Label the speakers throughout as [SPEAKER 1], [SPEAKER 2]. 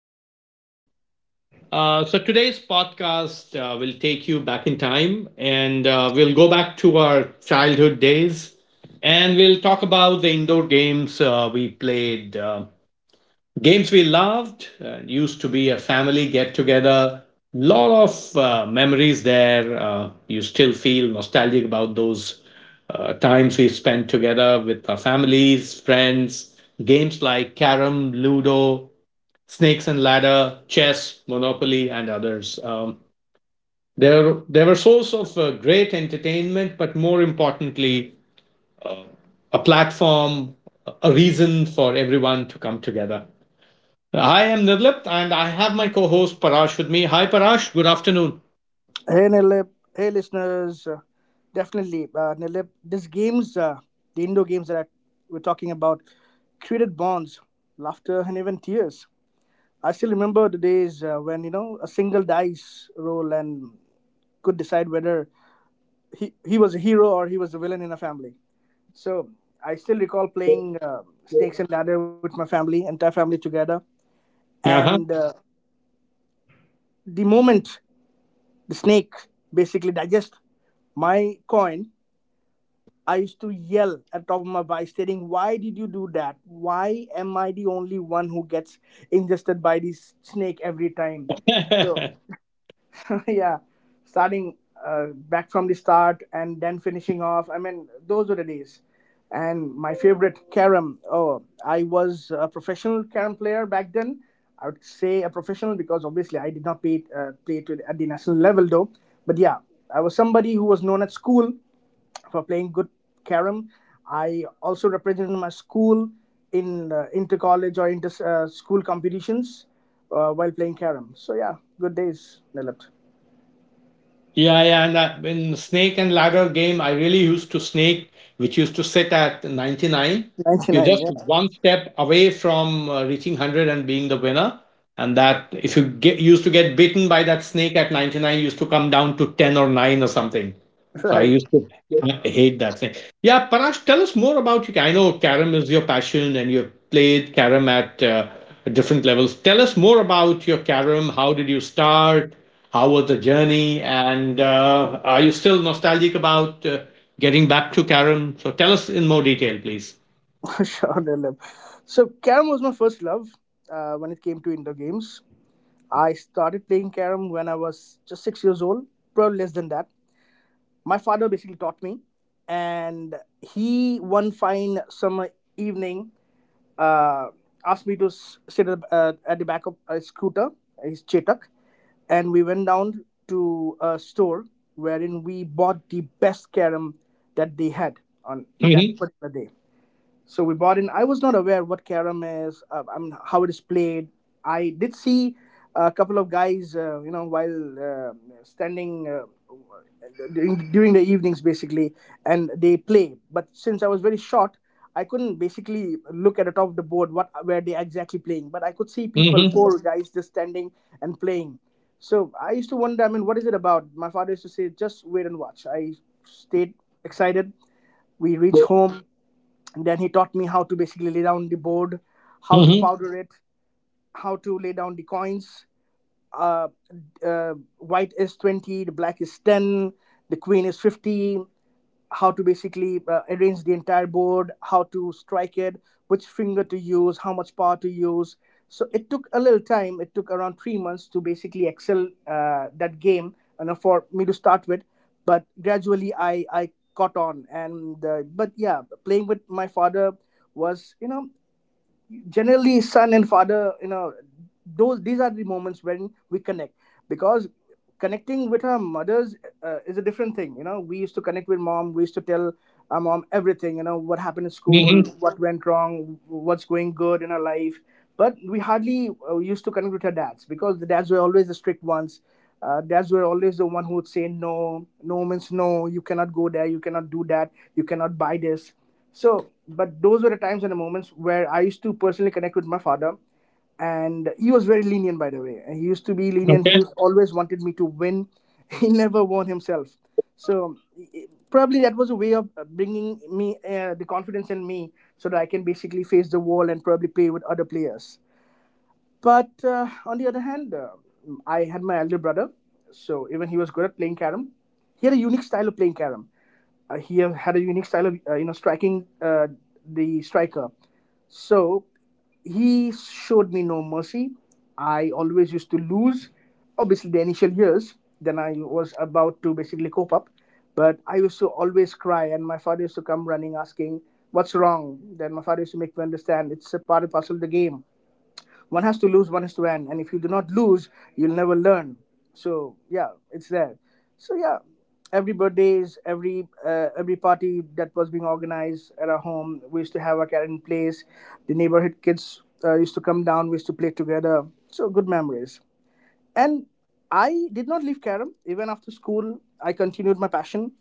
[SPEAKER 1] afternoon. Today's podcast will take you back in time, and we'll go back to our childhood days, and we'll talk about the indoor games we played, games we loved, used to be a family get together. Lot of memories there. You still feel nostalgic about those times we spent together with our families, friends, games like Carom, Ludo, Snakes and Ladder, Chess, Monopoly, and others. They were a source of great entertainment, but more importantly, a platform, a reason for everyone to come together. I am Nirlip, and I have my co-host Parash with me. Hi, Parash. Good afternoon.
[SPEAKER 2] Hey Nilip, hey listeners, definitely Nilip. These games, the indoor games that we're talking about, created bonds, laughter, and even tears. I still remember the days when you know a single dice roll and could decide whether he was a hero or he was a villain in a family. So I still recall playing Snakes and Ladder with my family, entire family together. And the moment the snake basically digests my coin, I used to yell at top of my voice, stating, "Why did you do that? Why am I the only one who gets ingested by this snake every time?"
[SPEAKER 1] Uh-huh.
[SPEAKER 2] Yeah, starting back from the start and then finishing off. I mean, those were the days. And my favorite carom. Oh, I was a professional carom player back then. I would say a professional because obviously I did not play play to at the national level though. But yeah, I was somebody who was known at school for playing good carom. I also represented my school in inter college or inter school competitions while playing carom. So yeah, good days, Nilip.
[SPEAKER 1] Yeah, yeah, and that, in snake and ladder game, I really used to snake, which used to sit at 99.
[SPEAKER 2] Ninety
[SPEAKER 1] You're
[SPEAKER 2] nine,
[SPEAKER 1] just
[SPEAKER 2] yeah,
[SPEAKER 1] one step away from reaching 100 and being the winner. And that if you get used to get bitten by that snake at 99, used to come down to 10 or 9 or something. So I
[SPEAKER 2] right,
[SPEAKER 1] used to hate that thing. Yeah, Parash, tell us more about you. I know Karam is your passion, and you've played Karam at different levels. Tell us more about your Karam. How did you start? How was the journey? And are you still nostalgic about getting back to Karam? So tell us in more detail, please.
[SPEAKER 2] sure, Nilip. So carom was my first love when it came to indoor games. I started playing carom when I was just 6 years old, probably less than that. My father basically taught me, and he one fine summer evening uh, asked me to sit at the back of a scooter, his Chetak, and we went down to a store wherein we bought the best carom that they had on that
[SPEAKER 1] Hmm.
[SPEAKER 2] particular day. So we bought in. I was not aware what Karam is, I mean, how it is played. I did see a couple of guys, you know, while standing during, the evenings, basically, and they play. But since I was very short, I couldn't basically look at the top of the board what where they exactly playing. But I could see people,
[SPEAKER 1] Hmm.
[SPEAKER 2] 4 guys, just standing and playing. So I used to wonder, I mean, what is it about? My father used to say, just wait and watch. I stayed excited. We reach home, then he taught me how to basically lay down the board, how to
[SPEAKER 1] Mm-hmm.
[SPEAKER 2] powder it, how to lay down the coins, uh, white is 20, the black is 10, the queen is 50, how to basically arrange the entire board, how to strike it, which finger to use, how much power to use. So it took a little time. It took around 3 months to basically excel that game, and for me to start with. But gradually, I caught on, and but yeah, playing with my father was, you know, generally son and father, you know, those these are the moments when we connect, because connecting with our mothers is a different thing, you know, we used to connect with mom, we used to tell our mom everything, you know, what happened in school,
[SPEAKER 1] Mm-hmm.
[SPEAKER 2] what went wrong, what's going good in our life, but we hardly used to connect with our dads because the dads were always the strict ones. Dads were always the one who would say no, no means no. You cannot go there. You cannot do that. You cannot buy this. So, but those were the times and the moments where I used to personally connect with my father, and he was very lenient, by the way. He used to be lenient, he
[SPEAKER 1] Okay.
[SPEAKER 2] was always wanted me to win. He never won himself, so probably that was a way of bringing me the confidence in me so that I can basically face the wall and probably play with other players. But on the other hand, I had my elder brother, so even he was good at playing carom. He had a unique style of playing carom. He had a unique style of you know striking the striker. So he showed me no mercy. I always used to lose. Obviously, the initial years, then I was about to basically cope up. But I used to always cry, and my father used to come running asking, What's wrong? Then my father used to make me understand it's a part and parcel of the game, one has to lose, one has to win, and if you do not lose, you'll never learn. So yeah, it's there. So yeah, every birthdays, every party that was being organized at our home, we used to have a karen place. The neighborhood kids used to come down, we used to play together, so good memories. And I did not leave Karam even after school. I continued my passion.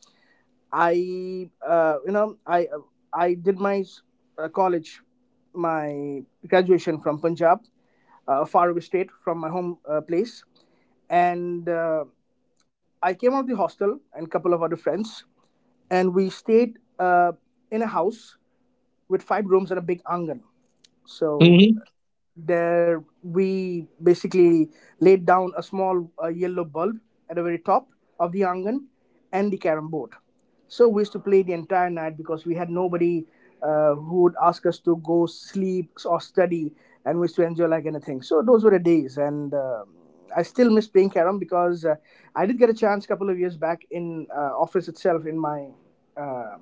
[SPEAKER 2] I you know I did my college, my graduation from Punjab, a faraway state from my home place, and I came out of the hostel and a couple of other friends, and we stayed in a house with 5 rooms and a big angan. So
[SPEAKER 1] Mm-hmm.
[SPEAKER 2] there we basically laid down a small yellow bulb at the very top of the angan and the carom board. So we used to play the entire night because we had nobody who would ask us to go sleep or study, and we used to enjoy like anything. So those were the days, and I still miss playing carom because I did get a chance a couple of years back in office itself in my. Uh,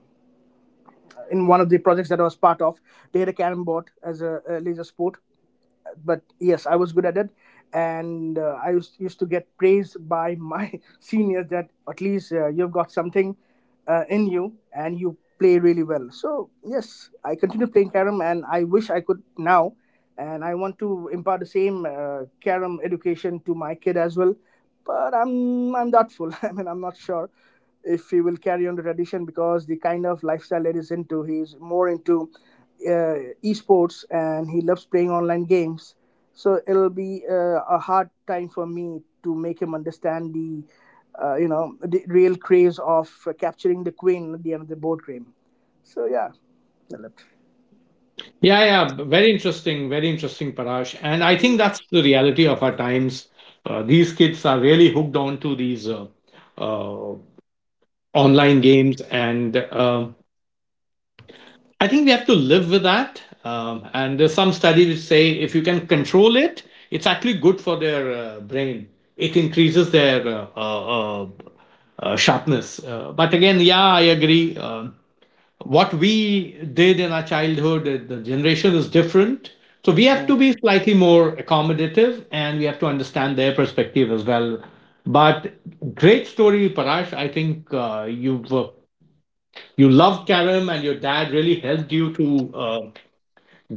[SPEAKER 2] in one of the projects that I was part of, they had a carom board as a laser sport, but yes, I was good at it, and uh, I used to get praised by my seniors that at least you've got something in you and you play really well. So yes, I continue playing carom, and I wish I could now, and I want to impart the same carom education to my kid as well. But I'm doubtful. I mean, I'm not sure if he will carry on the tradition because the kind of lifestyle that he's into, he's more into esports, and he loves playing online games. So it'll be a hard time for me to make him understand the, you know, the real craze of capturing the queen at the end of the board game. So yeah,
[SPEAKER 1] Yeah, yeah. Very interesting. Very interesting, Parash. And I think that's the reality of our times. These kids are really hooked on to these uh, online games, and I think we have to live with that. And there's some studies which say if you can control it, it's actually good for their brain. It increases their sharpness. But again, yeah, I agree. What we did in our childhood, the generation is different, so we have to be slightly more accommodative, and we have to understand their perspective as well. But great story, Parash. I think you loved Karim, and your dad really helped you to uh,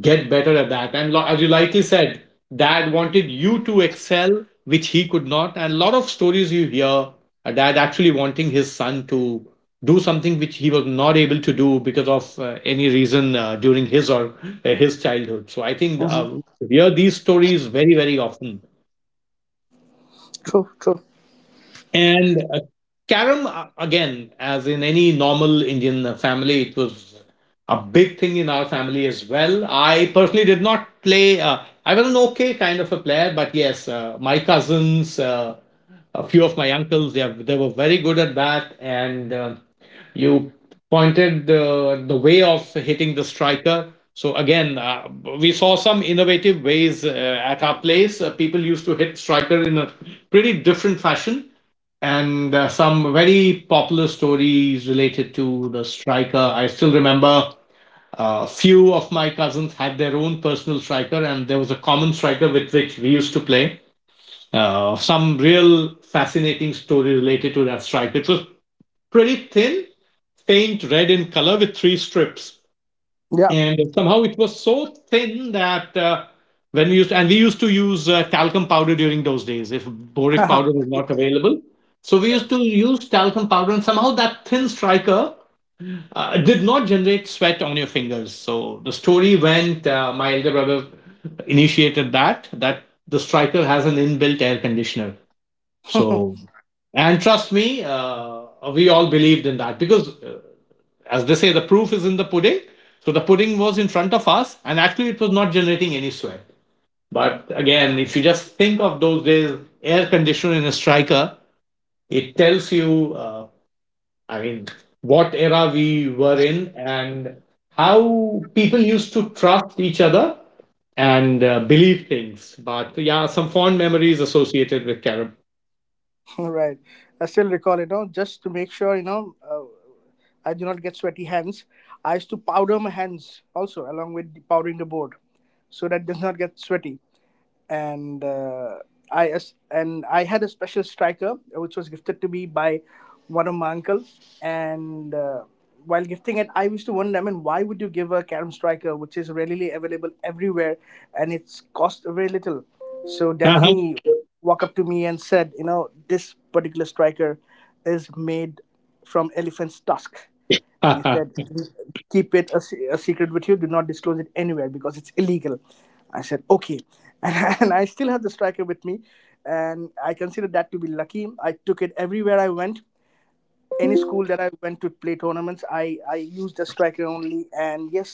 [SPEAKER 1] get better at that. And as you rightly said, dad wanted you to excel, which he could not. And a lot of stories you hear, a dad actually wanting his son to do something which he was not able to do because of any reason during his or his childhood. So I think
[SPEAKER 2] Mm-hmm.
[SPEAKER 1] we hear these stories very, very often.
[SPEAKER 2] True, true.
[SPEAKER 1] And carom, again, as in any normal Indian family, it was a big thing in our family as well. I personally did not play. I was an okay kind of a player, but yes, my cousins, a few of my uncles, they were very good at that. And you pointed the way of hitting the striker. So again, we saw some innovative ways at our place. People used to hit striker in a pretty different fashion, and some very popular stories related to the striker. I still remember a few of my cousins had their own personal striker, and there was a common striker with which we used to play. Some real fascinating story related to that striker. It was pretty thin, faint red in color with three strips,
[SPEAKER 2] Yeah,
[SPEAKER 1] and somehow it was so thin that when we used and we used to use talcum powder during those days, if boric powder was not available. So we
[SPEAKER 2] right.
[SPEAKER 1] used to use talcum powder, and somehow that thin striker did not generate sweat on your fingers. So the story went, my elder brother initiated that the striker has an inbuilt air conditioner. so and trust me, we all believed in that, because as they say, the proof is in the pudding. So the pudding was in front of us, and actually it was not generating any sweat. But again, if you just think of those days, air conditioner in a striker, it tells you, I mean, what era we were in, and how people used to trust each other and believe things. But yeah, some fond memories associated with carom.
[SPEAKER 2] All right. I still recall, you know, just to make sure, you know, I do not get sweaty hands. I used to powder my hands also along with powdering the board so that it does not get sweaty, and and I had a special striker which was gifted to me by one of my uncles. And while gifting it, I used to wonder, I mean, why would you give a carom striker which is readily available everywhere and it's cost very little? So then
[SPEAKER 1] Uh-huh.
[SPEAKER 2] he walked up to me and said, you know, this particular striker is made from elephant's tusk, and he said keep it a, a secret with you, do not disclose it anywhere because it's illegal. I said okay, and I still have the striker with me, and I considered that to be lucky. I took it everywhere I went. Any school that I went to play tournaments, I used the striker only, and yes,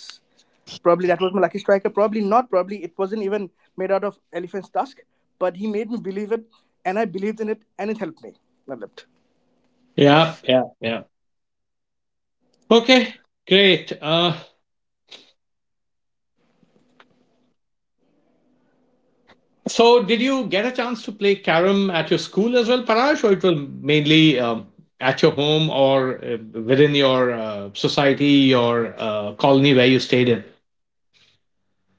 [SPEAKER 2] probably that was my lucky striker, probably not, probably it wasn't even made out of elephant's tusk, but he made me believe it, and I believed in it, and it helped me. Matlab,
[SPEAKER 1] Yeah, yeah, yeah. Okay, great. So, did you get a chance to play carom at your school as well, Parash, or it was mainly at your home or within your society or colony where you stayed in?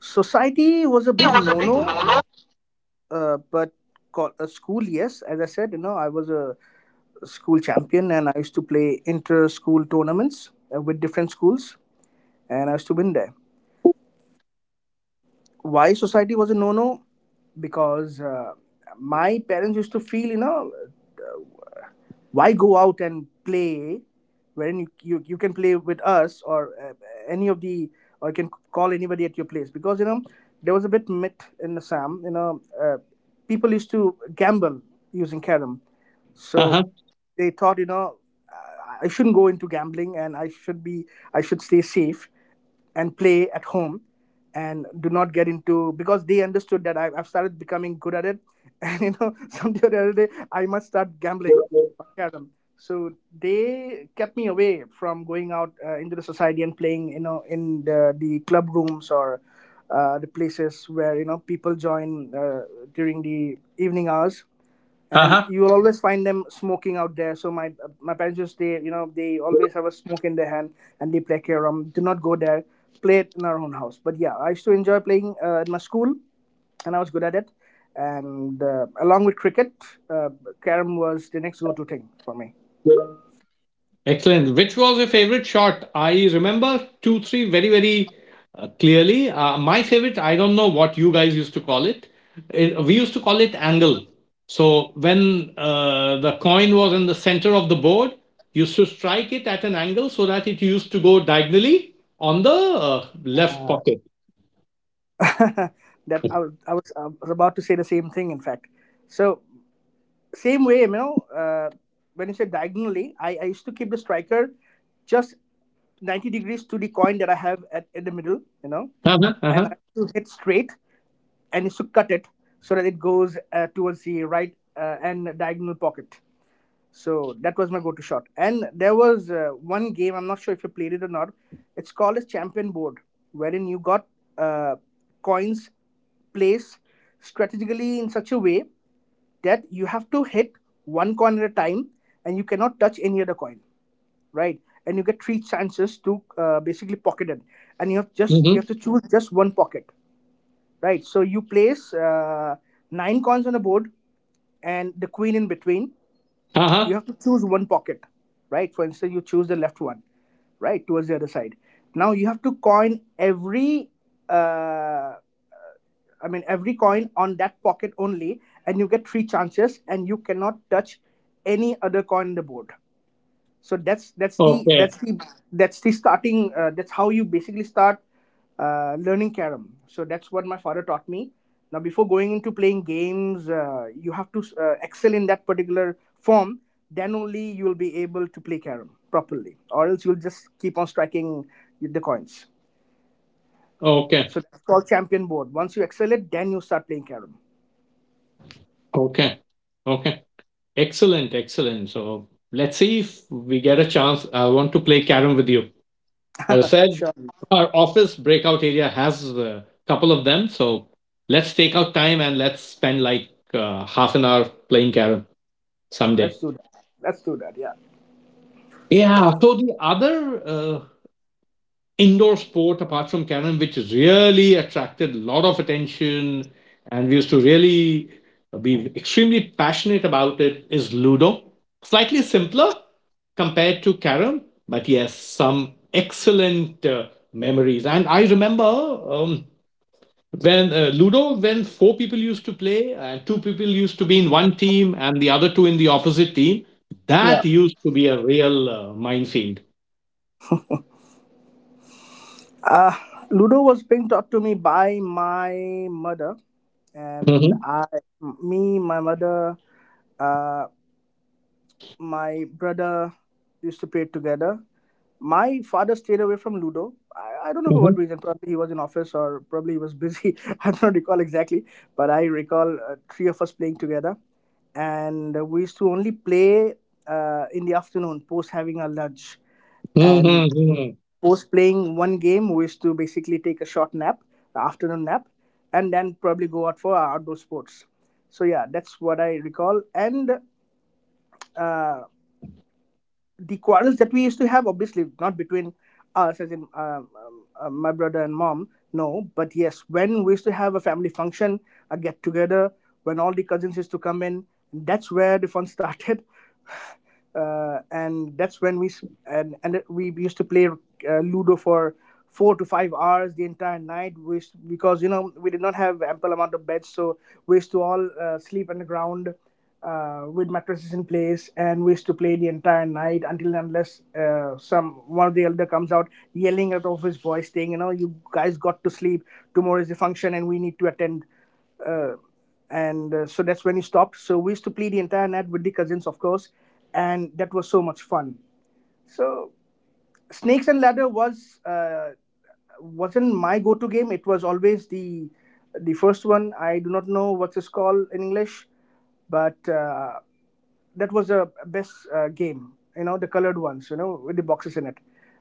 [SPEAKER 2] society was a big no no. But school, yes. As I said, you know, I was a school champion, and I used to play inter school tournaments with different schools, and I used to win there. Why society was a no no? Because my parents used to feel, you know, why go out and play wherein you can play with us or any of the or you can call anybody at your place because you know there was a bit myth in the sam people used to gamble using karam,
[SPEAKER 1] Uh
[SPEAKER 2] so
[SPEAKER 1] huh.
[SPEAKER 2] they thought i I shouldn't go into gambling and I should stay safe and play at home and do not get into because they understood that I've started becoming good at it and you know someday or the other day I must start gambling on carom, so they kept me away from going out into the society and playing you know in the club rooms or the places where you know people join during the evening hours,
[SPEAKER 1] Uh
[SPEAKER 2] and
[SPEAKER 1] huh.
[SPEAKER 2] you will always find them smoking out there. So my parents just they you know they always have a smoke in their hand and they play carom. Do not go there. Play it in our own house. But yeah, I used to enjoy playing at my school, and I was good at it. And along with cricket, uh, carom was the next go-to thing for me.
[SPEAKER 1] Excellent. Which was your favorite shot? I remember two, three very, very clearly. My favorite, I don't know what you guys used to call it. We used to call it angle. So when the coin was in the center of the board, you used to strike it at an angle so that it used to go diagonally on the left pocket.
[SPEAKER 2] that I was I was, I was about to say the same thing, in fact. So same way, you know, when you say diagonally, I used to keep the striker just 90 degrees to the coin that I have in the middle, you know,
[SPEAKER 1] Uh-huh,
[SPEAKER 2] and
[SPEAKER 1] uh-huh,
[SPEAKER 2] I used to hit straight and used to cut it so that it goes towards the right and diagonal pocket. So that was my go to shot. And there was one game, I'm not sure if you played it or not, it's called as Champion Board, wherein you got uh, coins placed strategically in such a way that you have to hit one coin at a time, and you cannot touch any other coin, right? And you get three chances to basically pocket it, and you have
[SPEAKER 1] mhm,
[SPEAKER 2] to choose just one pocket. Right, so you place nine coins on the board and the queen in between. You
[SPEAKER 1] uh-huh.
[SPEAKER 2] have to choose one pocket, right? For instance, you choose the left one, right, towards the other side. Now you have to coin every uh, every coin on that pocket only, and you get three chances, and you cannot touch any other coin on the board. So that's the
[SPEAKER 1] Okay,
[SPEAKER 2] that's the that's the starting. That's how you basically start learning carom. So that's what my father taught me. Now, before going into playing games, you have to excel in that particular form. Then only you will be able to play carom properly, or else you'll just keep on striking the coins.
[SPEAKER 1] okay,
[SPEAKER 2] So that's called champion board. Once you excel it, then you start playing carom.
[SPEAKER 1] okay, okay. Excellent, excellent. So let's see if we get a chance. I want to play carom with you. As I said,
[SPEAKER 2] Sure.
[SPEAKER 1] our office breakout area has a couple of them. So let's take out time and let's spend like half an hour playing carrom someday.
[SPEAKER 2] Let's do that. Let's do that. Yeah.
[SPEAKER 1] Yeah. So the other indoor sport apart from carrom, which really attracted a lot of attention, and we used to really be extremely passionate about it, is Ludo. Slightly simpler compared to carrom, but yes, some excellent memories. And I remember um, When Ludo, when four people used to play and two people used to be in one team and the other two in the opposite team,
[SPEAKER 2] Yeah.
[SPEAKER 1] that used to be a real minefield.
[SPEAKER 2] Uh, Ludo was being taught to me by my mother, and
[SPEAKER 1] Mm-hmm.
[SPEAKER 2] me, my mother, uh, my brother used to play it together. My father stayed away from Ludo. I don't know for what
[SPEAKER 1] Mm-hmm.
[SPEAKER 2] reason. Probably he was in office or probably he was busy. I don't recall exactly, but I recall three of us playing together. And we used to only play in the afternoon post having our lunch. And
[SPEAKER 1] Mm-hmm.
[SPEAKER 2] post playing one game, we used to basically take a short nap, afternoon nap, and then probably go out for our outdoor sports. So yeah, that's what I recall. And uh, the quarrels that we used to have, obviously not between us, as in my brother and mom, no, but yes, when we used to have a family function, a get together, when all the cousins used to come in, that's where the fun started and that's when we and we used to play Ludo for 4 to 5 hours the entire night, which because you know we did not have ample amount of beds, so we used to all sleep on the ground with mattresses in place, and we used to play the entire night until and unless some one of the elder comes out yelling at off his voice, saying, you know, you guys got to sleep. Tomorrow is the function, and we need to attend uh, and so that's when he stopped. So we used to play the entire night with the cousins, of course, and that was so much fun. So Snakes and Ladder was wasn't my go-to game. It was always the first one. I do not know what it's called in English, but that was the best game, you know, the colored ones, you know, with the boxes in it.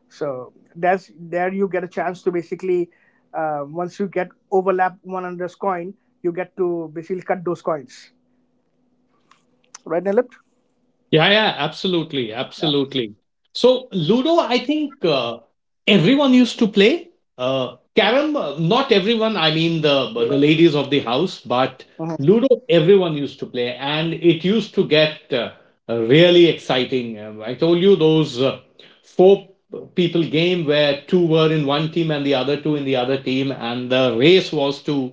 [SPEAKER 2] So that's there you get a chance to basically, once you get overlap one another's coin, you get to basically cut those coins, right, Nilip?
[SPEAKER 1] Yeah, yeah, absolutely,
[SPEAKER 2] Yeah.
[SPEAKER 1] absolutely. So Ludo, I think everyone used to play. Carrom, not everyone. I mean, the ladies of the house, but
[SPEAKER 2] Mhm.
[SPEAKER 1] Ludo, everyone used to play, and it used to get really exciting. I told you those four people game where two were in one team and the other two in the other team, and the race was to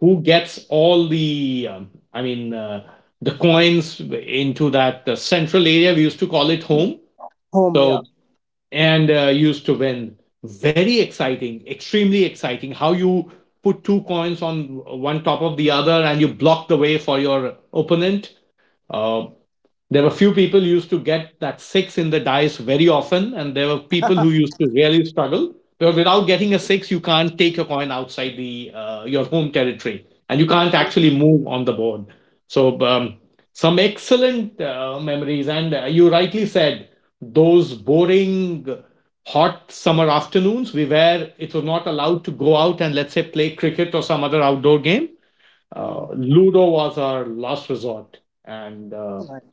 [SPEAKER 1] who gets all the I mean, the coins into that central area. We used to call it home.
[SPEAKER 2] Home, yeah.
[SPEAKER 1] So, and used to win. Very exciting, extremely exciting. How you put two coins on one top of the other and you block the way for your opponent. Uh, there were few people who used to get that six in the dice very often, and there were people who used to really struggle, because without getting a six, you can't take your coin outside the your home territory, and you can't
[SPEAKER 2] True.
[SPEAKER 1] actually move on the board. So some excellent memories, and you rightly said, those boring hot summer afternoons, we were it was not allowed to go out and let's say play cricket or some other outdoor game.
[SPEAKER 2] Mm,
[SPEAKER 1] Ludo was our last resort, and
[SPEAKER 2] right.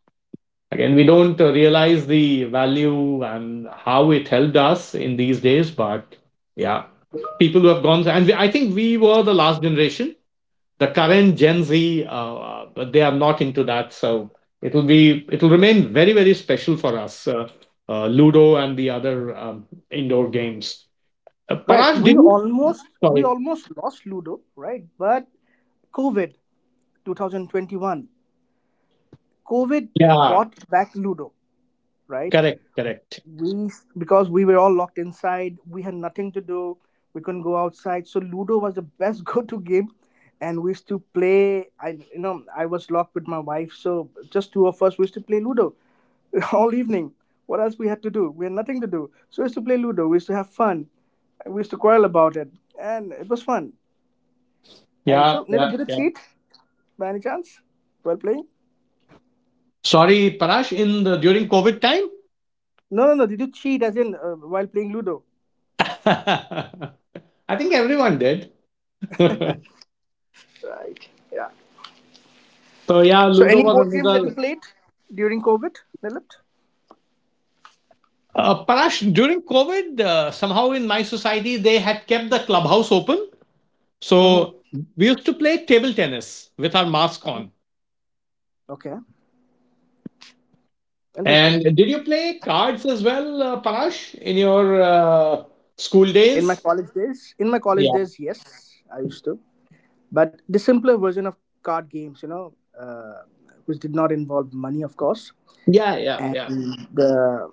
[SPEAKER 1] again, we don't realize the value and how it helped us in these days, but yeah, people who have gone, I think we were the last generation. The current Gen Z, uh, they are not into that, so it will remain very, very special for us. Ludo and the other indoor games.
[SPEAKER 2] Right
[SPEAKER 1] Parash,
[SPEAKER 2] we
[SPEAKER 1] did you?
[SPEAKER 2] almost, we
[SPEAKER 1] Sorry.
[SPEAKER 2] almost lost ludo, right? But covid 2021, covid
[SPEAKER 1] Yeah,
[SPEAKER 2] bought back ludo, right?
[SPEAKER 1] correct, correct.
[SPEAKER 2] We, because we were all locked inside, we had nothing to do, we couldn't go outside, so ludo was the best go-to game. And we used to play, I you know I was locked with my wife, so just two of us, we used to play ludo all evening. What else we had to do? We had nothing to do, so we used to play ludo, we used to have fun, we used to quarrel about it, and it was fun. And
[SPEAKER 1] Yeah,
[SPEAKER 2] so Nila,
[SPEAKER 1] yeah,
[SPEAKER 2] did you
[SPEAKER 1] yeah.
[SPEAKER 2] cheat by any chance while playing?
[SPEAKER 1] Sorry, Parash, in the during COVID time.
[SPEAKER 2] No, no, no, did you cheat as in while playing ludo?
[SPEAKER 1] I think everyone did.
[SPEAKER 2] Right. Yeah.
[SPEAKER 1] So yeah,
[SPEAKER 2] So,
[SPEAKER 1] Ludo
[SPEAKER 2] any
[SPEAKER 1] was
[SPEAKER 2] board games that you
[SPEAKER 1] another.
[SPEAKER 2] played during COVID, Lilith?
[SPEAKER 1] Parash, during COVID, somehow in my society, they had kept the clubhouse open.
[SPEAKER 2] Hmm.
[SPEAKER 1] So we used to play table tennis with our mask on.
[SPEAKER 2] Okay, interesting.
[SPEAKER 1] And did you play cards as well, Parash, in your school days?
[SPEAKER 2] In my college
[SPEAKER 1] Yeah,
[SPEAKER 2] days, yes, I used to, but the simpler version of card games, you know, uh, which did not involve money, of course,
[SPEAKER 1] yeah, yeah,
[SPEAKER 2] and
[SPEAKER 1] yeah,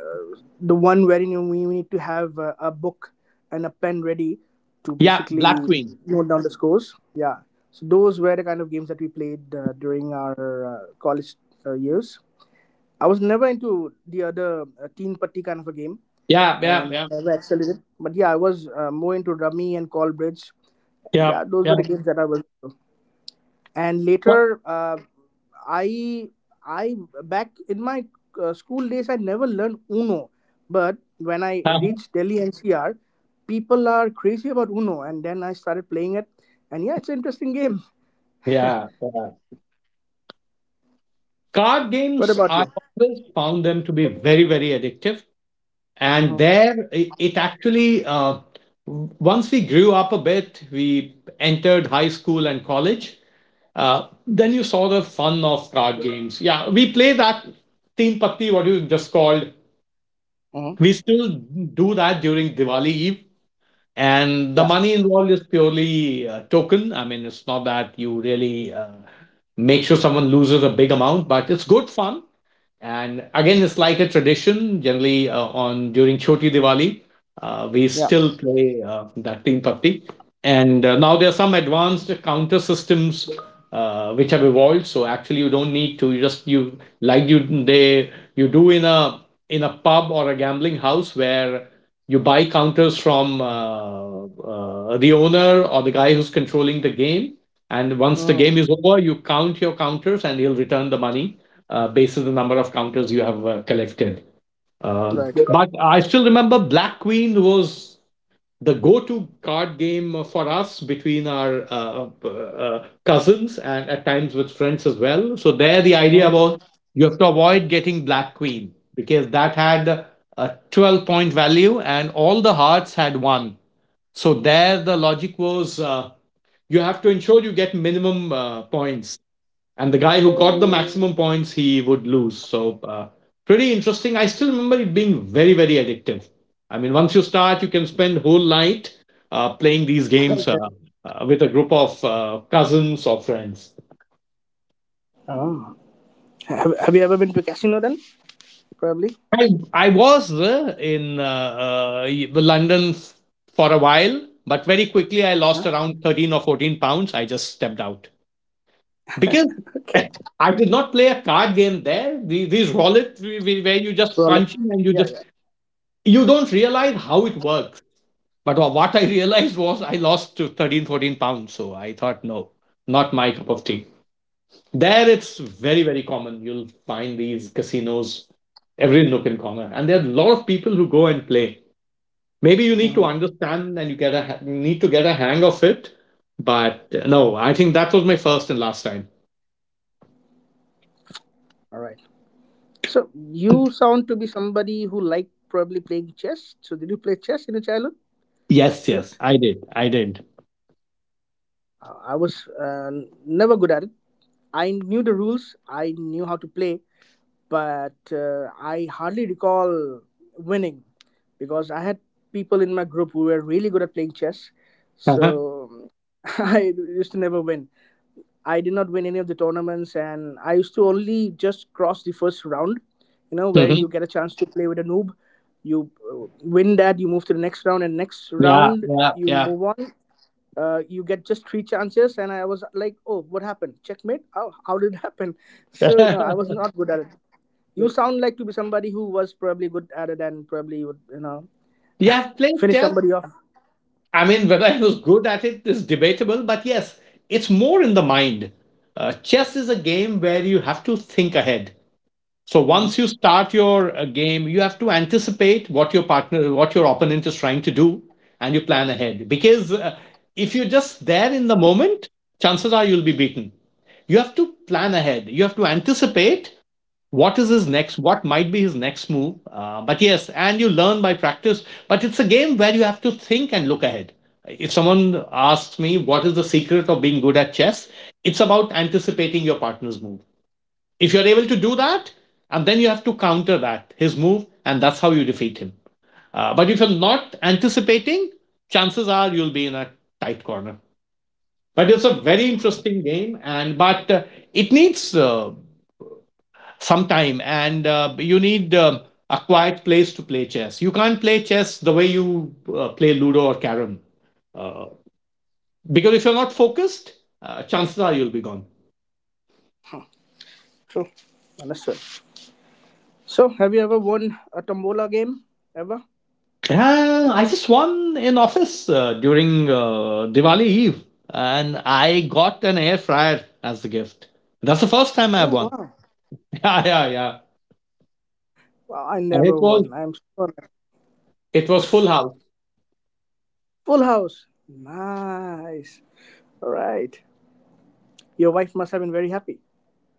[SPEAKER 2] uh, the one wherein you need to have a book and a pen ready to
[SPEAKER 1] yeah.
[SPEAKER 2] basically
[SPEAKER 1] Black Queen.
[SPEAKER 2] note down the scores. Yeah, so those were the kind of games that we played during our college years. I was never into the other teen patti kind of a game,
[SPEAKER 1] Yeah, yeah,
[SPEAKER 2] and
[SPEAKER 1] yeah,
[SPEAKER 2] I never excelled in it. But yeah, I was more into rummy and call bridge.
[SPEAKER 1] yeah,
[SPEAKER 2] Yeah, those were
[SPEAKER 1] yeah.
[SPEAKER 2] the games that I was. Into. And
[SPEAKER 1] But-
[SPEAKER 2] later, I I back in my school days, I never learned Uno. But when I
[SPEAKER 1] Uh-huh.
[SPEAKER 2] reached Delhi NCR, people are crazy about Uno, and then I started playing it. And yeah, it's an interesting game.
[SPEAKER 1] Yeah, yeah. Card
[SPEAKER 2] What
[SPEAKER 1] games,
[SPEAKER 2] about
[SPEAKER 1] I
[SPEAKER 2] you?
[SPEAKER 1] always found them to be very, very addictive. And
[SPEAKER 2] Mm-hmm.
[SPEAKER 1] there it actually, once we grew up a bit, we entered high school and college. Then you saw the fun of card games. Yeah, we play that team patti. What you just called,
[SPEAKER 2] Mm-hmm.
[SPEAKER 1] we still do that during Diwali eve, and the
[SPEAKER 2] Yeah.
[SPEAKER 1] money involved is purely token. I mean, it's not that you really make sure someone loses a big amount, but it's good fun. And again, it's like a tradition. Generally, on during Choti Diwali, we
[SPEAKER 2] Yeah.
[SPEAKER 1] still play that team papti. And now there are some advanced counter systems which have evolved. So actually, you don't need to. You just you like you they you do in a pub or a gambling house where you buy counters from the owner or the guy who's controlling the game. And once the
[SPEAKER 2] Mm,
[SPEAKER 1] game is over, you count your counters, and he'll return the money based on the number of counters you have collected. Um,
[SPEAKER 2] right.
[SPEAKER 1] but I still remember Black Queen was the go-to card game for us between our cousins and at times with friends as well. So there, the idea was you have to avoid getting Black Queen because that had a 12 point value and all the hearts had one. So there, the logic was you have to ensure you get minimum points, and the guy who got the maximum points, he would lose. So pretty interesting. I still remember it being very, very addictive. I mean, once you start, you can spend whole night playing these games with a group of cousins or friends.
[SPEAKER 2] Mm-hmm. Have you ever been to a casino then? Probably.
[SPEAKER 1] I was in London for a while. But very quickly I lost
[SPEAKER 2] Uh-huh.
[SPEAKER 1] around 13 or £14. I just stepped out because
[SPEAKER 2] Okay.
[SPEAKER 1] I did not play a card game there. These roulette, where you just
[SPEAKER 2] Roulette.
[SPEAKER 1] punch in and you
[SPEAKER 2] Yeah,
[SPEAKER 1] just
[SPEAKER 2] yeah.
[SPEAKER 1] you don't realize how it works. But what I realized was I lost to 13, £14. So I thought, no, not my cup of tea. There it's very, very common. You'll find these casinos every nook and corner. And there are a lot of people who go and play. Maybe you need to
[SPEAKER 2] Mhm.
[SPEAKER 1] understand and you get a need to get a hang of it. But no, I think that was my first and last time.
[SPEAKER 2] All right. So you sound to be somebody who liked probably playing chess. So did you play chess in your childhood?
[SPEAKER 1] Yes,
[SPEAKER 2] Dilip?
[SPEAKER 1] yes, I did. I did.
[SPEAKER 2] I was never good at it. I knew the rules. I knew how to play, but I hardly recall winning because I had people in my group who were really good at playing chess.
[SPEAKER 1] Uh-huh.
[SPEAKER 2] So I used to never win. I did not win any of the tournaments, and I used to only just cross the first round, you know, wherein you
[SPEAKER 1] Mhm.
[SPEAKER 2] get a chance to play with a noob. You win that, you move to the next round, and next
[SPEAKER 1] Yeah,
[SPEAKER 2] round
[SPEAKER 1] yeah,
[SPEAKER 2] you
[SPEAKER 1] yeah.
[SPEAKER 2] move on. You get just three chances, and I was like, "Oh, what happened? Checkmate? Oh, how did it happen?" So you know, I was not good at it. You sound like to be somebody who was probably good at it and probably would, you know,
[SPEAKER 1] Yeah, have played
[SPEAKER 2] finish
[SPEAKER 1] chess.
[SPEAKER 2] somebody off.
[SPEAKER 1] I mean, whether I was good at it is debatable, but yes, it's more in the mind. Chess is a game where you have to think ahead. So
[SPEAKER 2] Hmm.
[SPEAKER 1] once you start your game, you have to anticipate what your partner, what your opponent is trying to do, and you plan ahead. Because if you're just there in the moment, chances are you'll be beaten. You have to plan ahead. You have to anticipate what is his next, what might be his next move, but yes, and you learn by practice, but it's a game where you have to think and look ahead. If someone asks me what is the secret of being good at chess, it's about anticipating your partner's move. If you're able to do that, and then you have to counter that his move, and that's how you defeat him. Uh, but if you're not anticipating, chances are you'll be in a tight corner. But it's a very interesting game, and but it needs some time, and you need a quiet place to play chess. You can't play chess the way you play Ludo or carrom. Uh, because if you're not focused, chances are you'll be gone.
[SPEAKER 2] True. Understood. So, have you ever won a Tombola game? Ever?
[SPEAKER 1] I just won in office during Diwali Eve, and I got an air fryer as the gift. That's the first time I've
[SPEAKER 2] Oh,
[SPEAKER 1] won.
[SPEAKER 2] wow.
[SPEAKER 1] Yeah, yeah, yeah.
[SPEAKER 2] Wow, I
[SPEAKER 1] And it
[SPEAKER 2] never
[SPEAKER 1] was
[SPEAKER 2] won. I'm sure.
[SPEAKER 1] it was full house.
[SPEAKER 2] Full house. Nice. All right. Your wife must have been very happy.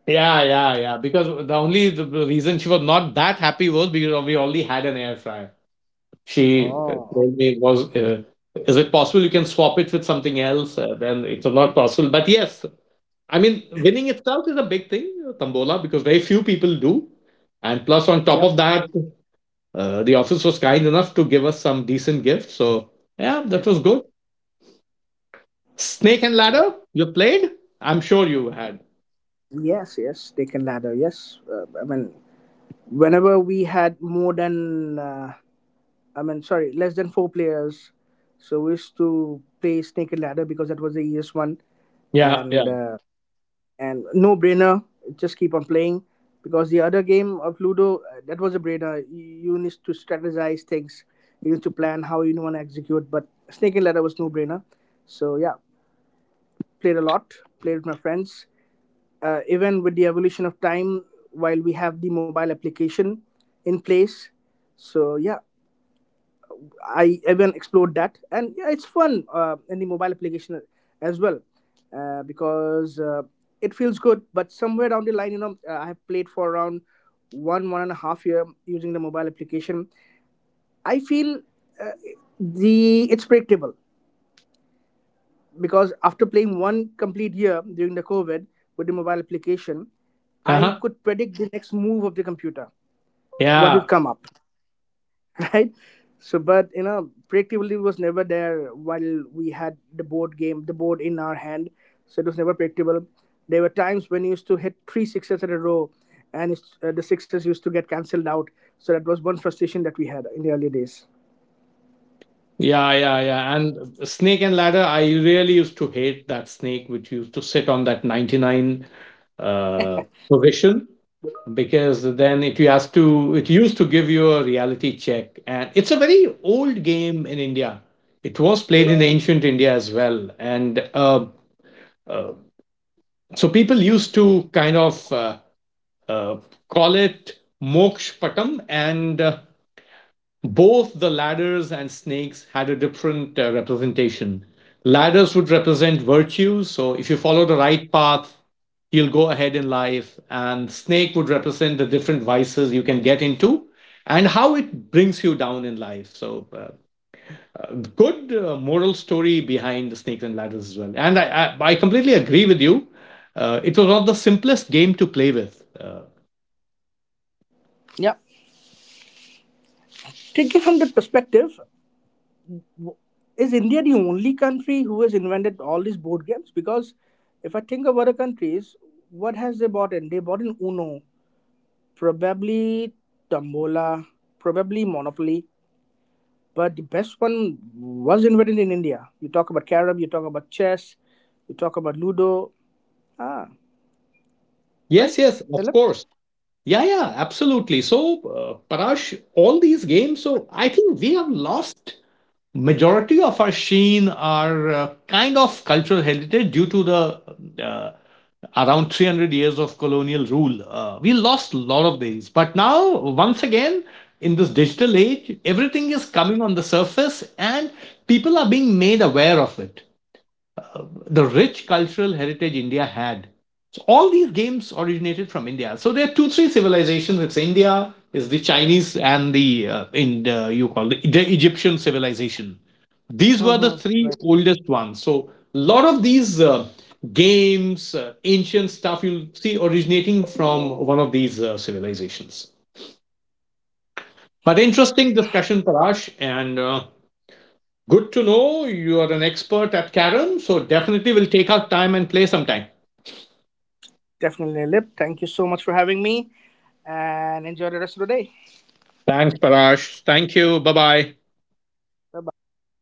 [SPEAKER 1] Yeah, yeah, yeah. Because the reason she was not that happy was because we already had an air fryer. She
[SPEAKER 2] Oh, okay.
[SPEAKER 1] told me was is it possible you can swap it with something else, then it's not possible, but yes, I mean, winning itself is a big thing, tambola, because very few people do. And plus, on top
[SPEAKER 2] Yep.
[SPEAKER 1] of that, the office was kind enough to give us some decent gifts. So yeah, that was good. Snake and Ladder
[SPEAKER 2] Nice.
[SPEAKER 1] you played, I'm sure you had.
[SPEAKER 2] Yes, yes. Taken ladder. Yes. I mean, whenever we had more than sorry, less than four players. So we used to play Snake and Ladder because that was the easiest one,
[SPEAKER 1] Yeah, yeah.
[SPEAKER 2] and uh, and no brainer. Just keep on playing because the other game of Ludo that was a brainer. You need to strategize things. You need to plan how you want to execute. But Snake and Ladder was no brainer. So yeah, played a lot. Played with my friends. Even with the evolution of time, while we have the mobile application in place, so yeah, I even explored that, and yeah, it's fun in the mobile application as well because it feels good. But somewhere down the line, you know, I have played for around one and a half year using the mobile application. I feel uh, the it's predictable because after playing one complete year during the COVID with the mobile application, I
[SPEAKER 1] Uh-huh.
[SPEAKER 2] could predict the next move of the computer, what
[SPEAKER 1] Yeah.
[SPEAKER 2] would come up. Right? So, but you know, practically was never there while we had the board game, the board in our hand. So it was never practicable. There were times when you used to hit three sixes in a row, and it's, the sixes used to get cancelled out. So that was one frustration that we had in the early days.
[SPEAKER 1] Yeah, yeah, yeah. And Snake and Ladder, I really used to hate that snake which used to sit on that 99 uh, position, because then it used to give you a reality check. And it's a very old game in India. It was played in ancient India as well, and uh, so people used to kind of uh, call it Moksh Patam, and both the ladders and snakes had a different representation. Ladders would represent virtues, so if you follow the right path, you'll go ahead in life, and snake would represent the different vices you can get into and how it brings you down in life. So, good moral story behind the snakes and ladders as well. And I completely agree with you. It was not the simplest game to play with.
[SPEAKER 2] Yeah, take it from that perspective. Is India the only country who has invented all these board games? Because if I think of other countries, what has they bought in? They bought in Uno, probably Tombola, probably Monopoly. But the best one was invented in India. You talk about carrom, you talk about chess, you talk about ludo. Ah, right,
[SPEAKER 1] Yes, yes, of
[SPEAKER 2] Dilip?
[SPEAKER 1] course. Yeah, yeah, absolutely. So, Parash, all these games, so I think we have lost majority of our sheen, our kind of cultural heritage due to the uh, around 300 years of colonial rule. We lost a lot of these. But now, once again, in this digital age, everything is coming on the surface and people are being made aware of it, the rich cultural heritage India had. So all these games originated from India. So there are two, three civilizations. It's India, is the Chinese, and the in the, you call the Egyptian civilization. These were the
[SPEAKER 2] Mm-hmm.
[SPEAKER 1] three
[SPEAKER 2] Right.
[SPEAKER 1] oldest ones. So a lot of these games, ancient stuff, you'll see originating from one of these civilizations. But interesting discussion, Parash, and good to know you are an expert at Karam. So definitely we'll take out time and play sometime.
[SPEAKER 2] Definitely, Dilip. Thank you so much for having me and enjoy the rest of the day.
[SPEAKER 1] Thanks, Parash. Thank you. Bye bye.
[SPEAKER 2] Bye bye.